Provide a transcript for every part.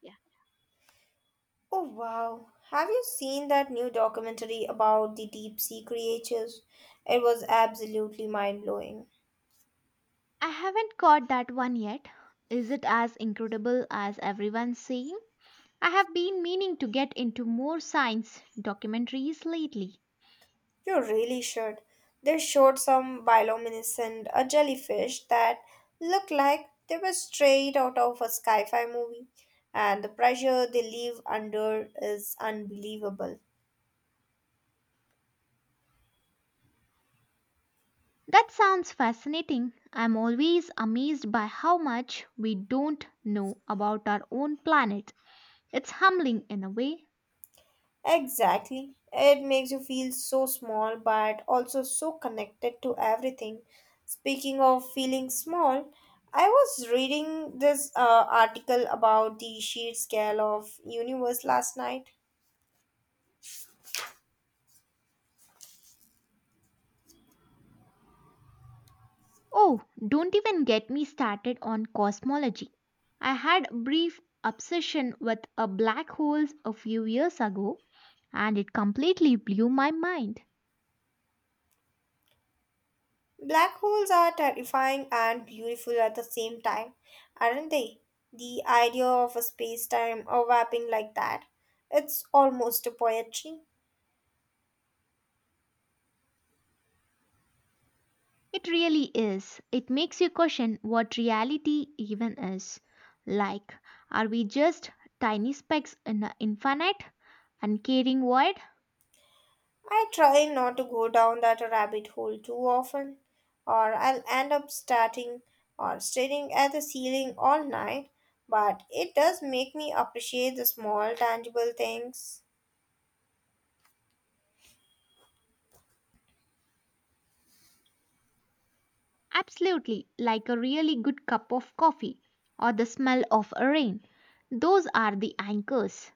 Yeah. Oh wow, have you seen that new documentary about the deep sea creatures? It was absolutely mind blowing. I haven't caught that one yet. Is it as incredible as everyone's saying? I have been meaning to get into more science documentaries lately. You really should. They showed some bioluminescent a jellyfish that looked like they were straight out of a sci fi movie, and the pressure they live under is unbelievable. That sounds fascinating. I'm always amazed by how much we don't know about our own planet. It's humbling in a way. Exactly. It makes you feel so small but also so connected to everything. Speaking of feeling small, I was reading this article about the sheer scale of universe last night. Oh, don't even get me started on cosmology. I had a brief obsession with a black holes a few years ago and it completely blew my mind. Black holes are terrifying and beautiful at the same time, aren't they? The idea of a space-time overlapping like that, it's almost a poetry. It really is. It makes you question what reality even is. Like, are we just tiny specks in an infinite, uncaring void? I try not to go down that rabbit hole too often, or I'll end up starting or staring at the ceiling all night, but it does make me appreciate the small, tangible things. Absolutely, like a really good cup of coffee or the smell of a rain. Those are the anchors.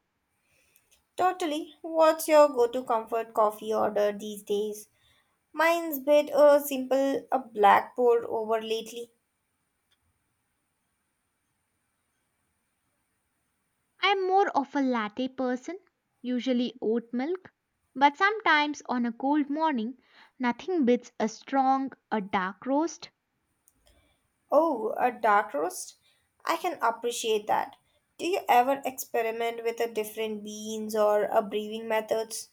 Totally. What's your go to comfort coffee order these days? Mine's bit a simple a black pour over lately. I'm more of a latte person, usually oat milk, but sometimes on a cold morning, nothing beats a strong, a dark roast. Oh, a dark roast? I can appreciate that. Do you ever experiment with a different beans or a brewing methods?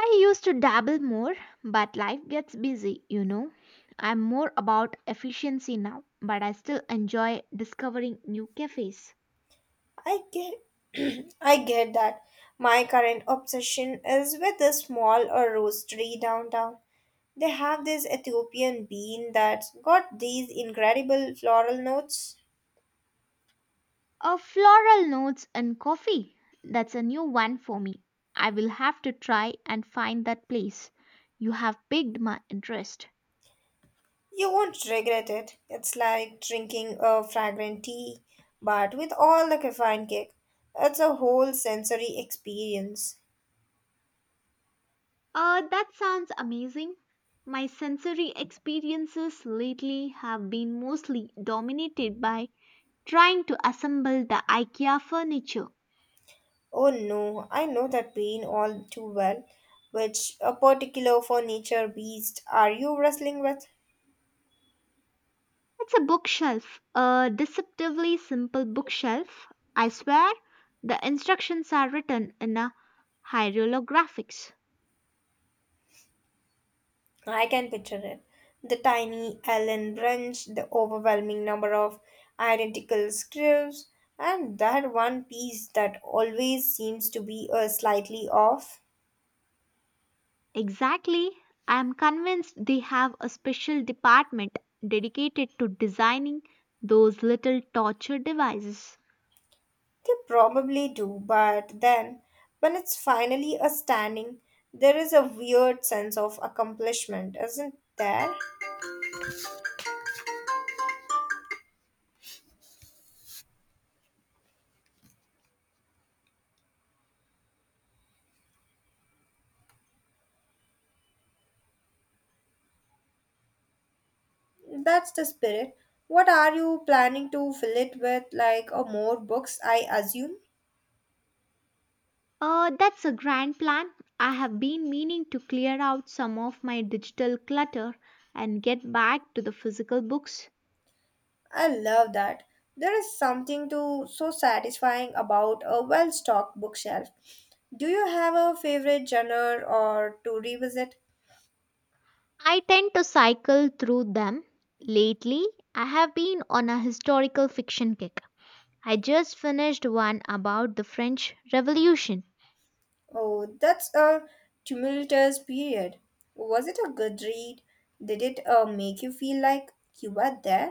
I used to dabble more, but life gets busy, I'm more about efficiency now, but I still enjoy discovering new cafes. I get I get that. My current obsession is with a small or roastery downtown. They have this Ethiopian bean that's got these incredible floral notes. A floral notes and coffee. That's a new one for me. I will have to try and find that place. You have piqued my interest. You won't regret it. It's like drinking a fragrant tea, but with all the caffeine kick. It's a whole sensory experience. That sounds amazing. My sensory experiences lately have been mostly dominated by trying to assemble the IKEA furniture. Oh no, I know that pain all too well. Which a particular furniture beast are you wrestling with? It's a bookshelf, a deceptively simple bookshelf. I swear the instructions are written in a hieroglyphics. I can picture it. The tiny Allen branch, the overwhelming number of identical scripts, and that one piece that always seems to be a slightly off. Exactly. I am convinced they have a special department dedicated to designing those little torture devices. They probably do, but then when it's finally a standing, there is a weird sense of accomplishment, isn't there? That's the spirit. What are you planning to fill it with? Like more books, I assume? That's a grand plan. I have been meaning to clear out some of my digital clutter and get back to the physical books. I love that. There is something to so satisfying about a well-stocked bookshelf. Do you have a favorite genre or to revisit? I tend to cycle through them. Lately, I have been on a historical fiction kick. I just finished one about the French Revolution. Oh, that's a tumultuous period. Was it a good read? Did it make you feel like you were there?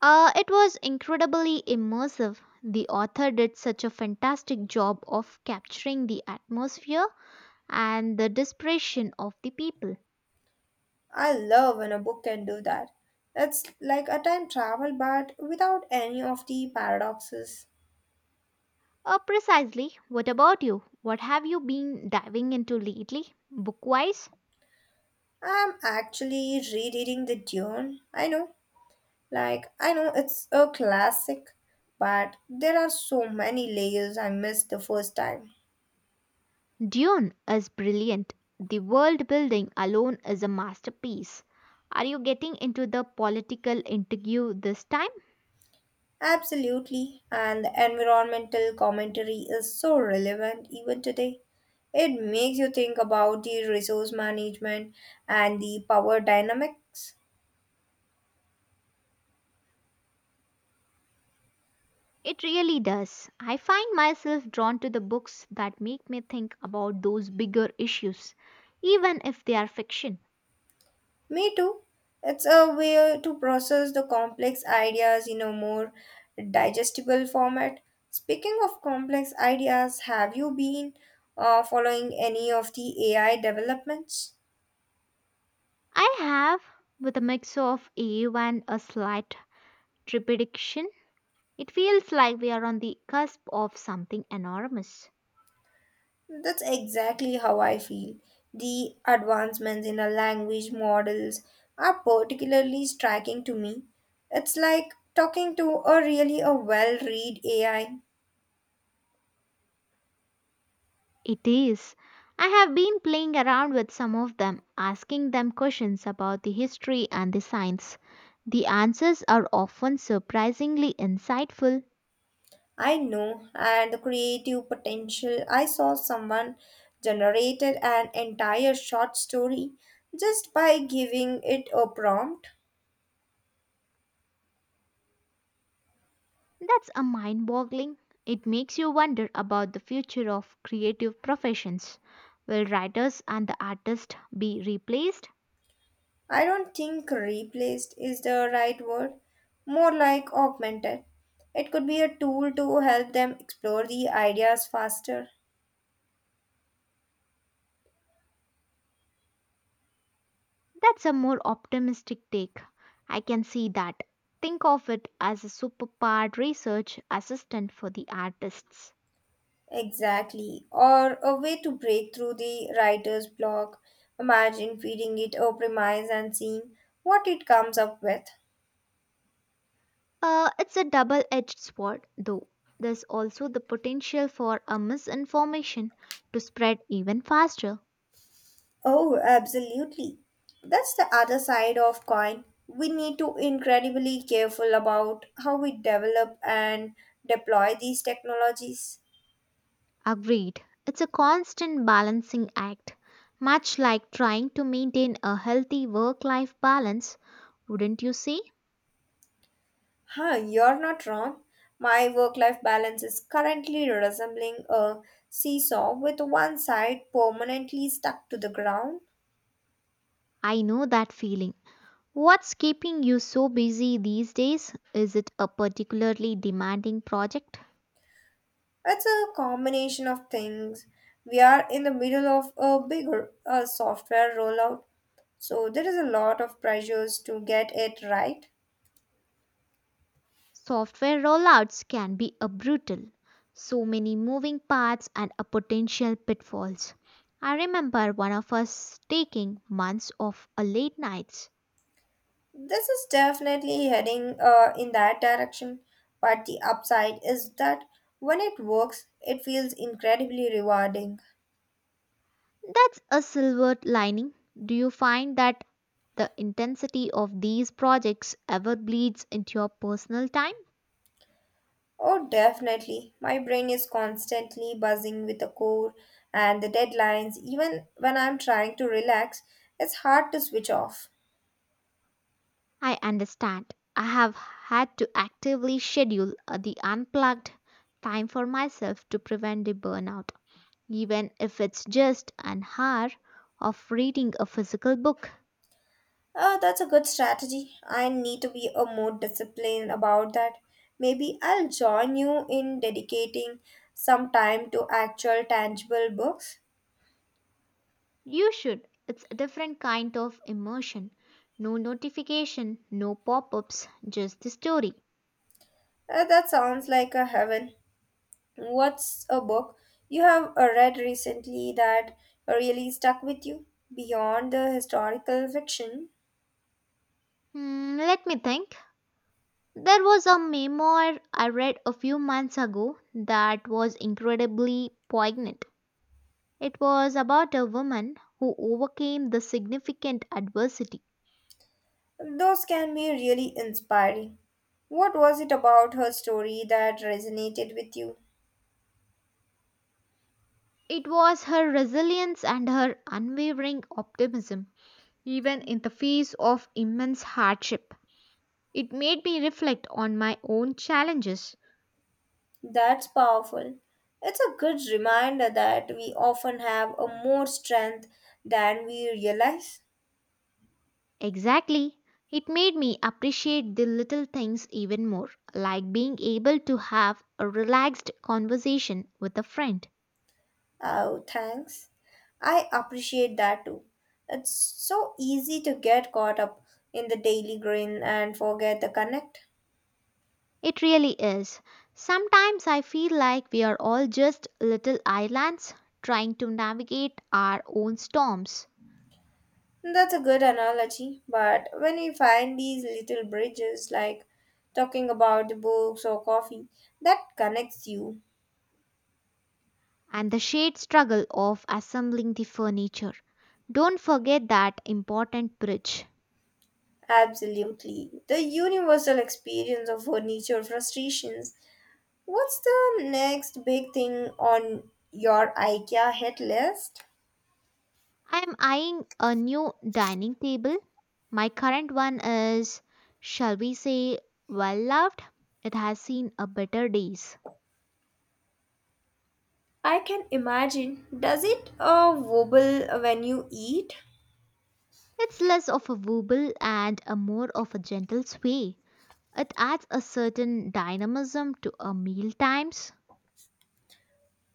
It was incredibly immersive. The author did such a fantastic job of capturing the atmosphere and the desperation of the people. I love when a book can do that. It's like a time travel but without any of the paradoxes. Precisely. What about you? What have you been diving into lately, book wise? I'm actually rereading The Dune. I know Like, I know it's a classic, but there are so many layers I missed the first time. Dune is brilliant. The world building alone is a masterpiece. Are you getting into the political intrigue this time? Absolutely, and the environmental commentary is so relevant even today. It makes you think about the resource management and the power dynamics. It really does. I find myself drawn to the books that make me think about those bigger issues, even if they are fiction. Me too. It's a way to process the complex ideas in a more digestible format. Speaking of complex ideas, have you been following any of the AI developments? I have, with a mix of awe and a slight trepidation, it feels like we are on the cusp of something enormous. That's exactly how I feel. The advancements in the language models are particularly striking to me. It's like talking to a really a well-read AI. It is. I have been playing around with some of them, asking them questions about the history and the science. The answers are often surprisingly insightful. I know, and the creative potential. I saw someone generated an entire short story just by giving it a prompt. That's a mind boggling. It makes you wonder about the future of creative professions. Will writers and the artists be replaced? I don't think replaced is the right word, more like augmented. It could be a tool to help them explore the ideas faster. That's a more optimistic take. I can see that. Think of it as a superpowered research assistant for the artists. Exactly, or a way to break through the writer's block. Imagine feeding it a premise and seeing what it comes up with. It's a double edged sword, though. There's also the potential for a misinformation to spread even faster. Oh, absolutely. That's the other side of coin. We need to incredibly careful about how we develop and deploy these technologies. Agreed. It's a constant balancing act. Much like trying to maintain a healthy work life balance, wouldn't you say? Huh, you're not wrong. My work-life balance is currently resembling a seesaw with one side permanently stuck to the ground. I know that feeling. What's keeping you so busy these days? Is it a particularly demanding project? It's a combination of things. We are in the middle of a bigger software rollout, so there is a lot of pressures to get it right. Software rollouts can be a brutal. So many moving parts and a potential pitfalls. I remember one of us taking months off a late nights. This is definitely heading in that direction, but the upside is that when it works, it feels incredibly rewarding. That's a silver lining. Do you find that the intensity of these projects ever bleeds into your personal time? Oh, definitely. My brain is constantly buzzing with the core and the deadlines. Even when I'm trying to relax, it's hard to switch off. I understand. I have had to actively schedule the unplugged time for myself to prevent the burnout, even if it's just an hour of reading a physical book. Oh, that's a good strategy. I need to be a more disciplined about that. Maybe I'll join you in dedicating some time to actual tangible books. You should. It's a different kind of immersion. No notification, no pop ups, just the story. That sounds like a heaven. What's a book you have read recently that really stuck with you beyond the historical fiction? Hmm, let me think. There was a memoir I read a few months ago that was incredibly poignant. It was about a woman who overcame the significant adversity. Those can be really inspiring. What was it about her story that resonated with you? It was her resilience and her unwavering optimism even in the face of immense hardship. It made me reflect on my own challenges. That's powerful. It's a good reminder that we often have a more strength than we realize. Exactly. It made me appreciate the little things even more, like being able to have a relaxed conversation with a friend. Oh, thanks. I appreciate that too. It's so easy to get caught up in the daily grind and forget the connect. It really is. Sometimes I feel like we are all just little islands trying to navigate our own storms That's a good analogy, but when we find these little bridges, like talking about the books or coffee, that connects you. and the shared struggle of assembling the furniture. Don't forget that important bridge. Absolutely. The universal experience of furniture frustrations. What's the next big thing on your IKEA hit list? I'm eyeing a new dining table. My current one is, shall we say, well loved. It has seen a better days. I can imagine. Does it wobble when you eat? It's less of a wobble and a more of a gentle sway. It adds a certain dynamism to a meal times.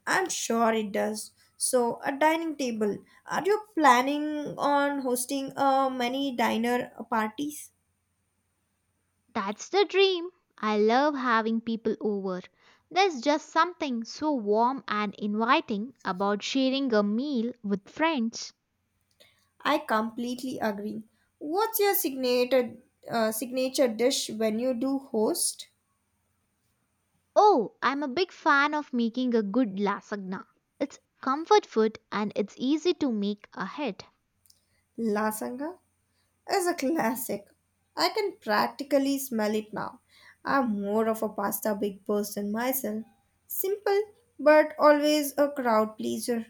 I'm sure it does. So, a dining table. Are you planning on hosting many dinner parties? That's the dream. I love having people over. There's just something so warm and inviting about sharing a meal with friends. I completely agree. What's your signature signature dish when you do host? Oh, I'm a big fan of making a good lasagna. It's comfort food and it's easy to make ahead. Lasagna is a classic. I can practically smell it now. I'm more of a pasta big person myself. Simple, but always a crowd pleaser.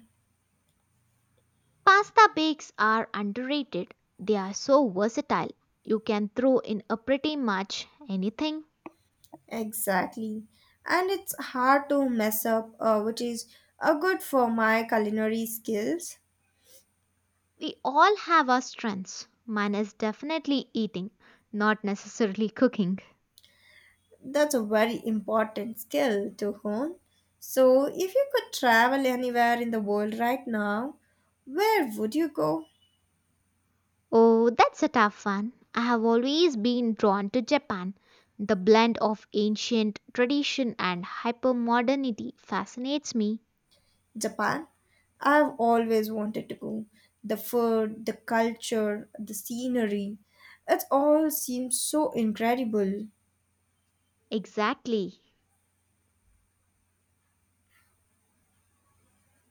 Pasta bakes are underrated. They are so versatile. You can throw in a pretty much anything. Exactly. And it's hard to mess up, which is good for my culinary skills. We all have our strengths. Mine is definitely eating, not necessarily cooking. That's a very important skill to hone. So, if you could travel anywhere in the world right now, where would you go? Oh, that's a tough one. I have always been drawn to Japan. The blend of ancient tradition and hypermodernity fascinates me. Japan. I've always wanted to go. The food, the culture, the scenery. It all seems so incredible. Exactly.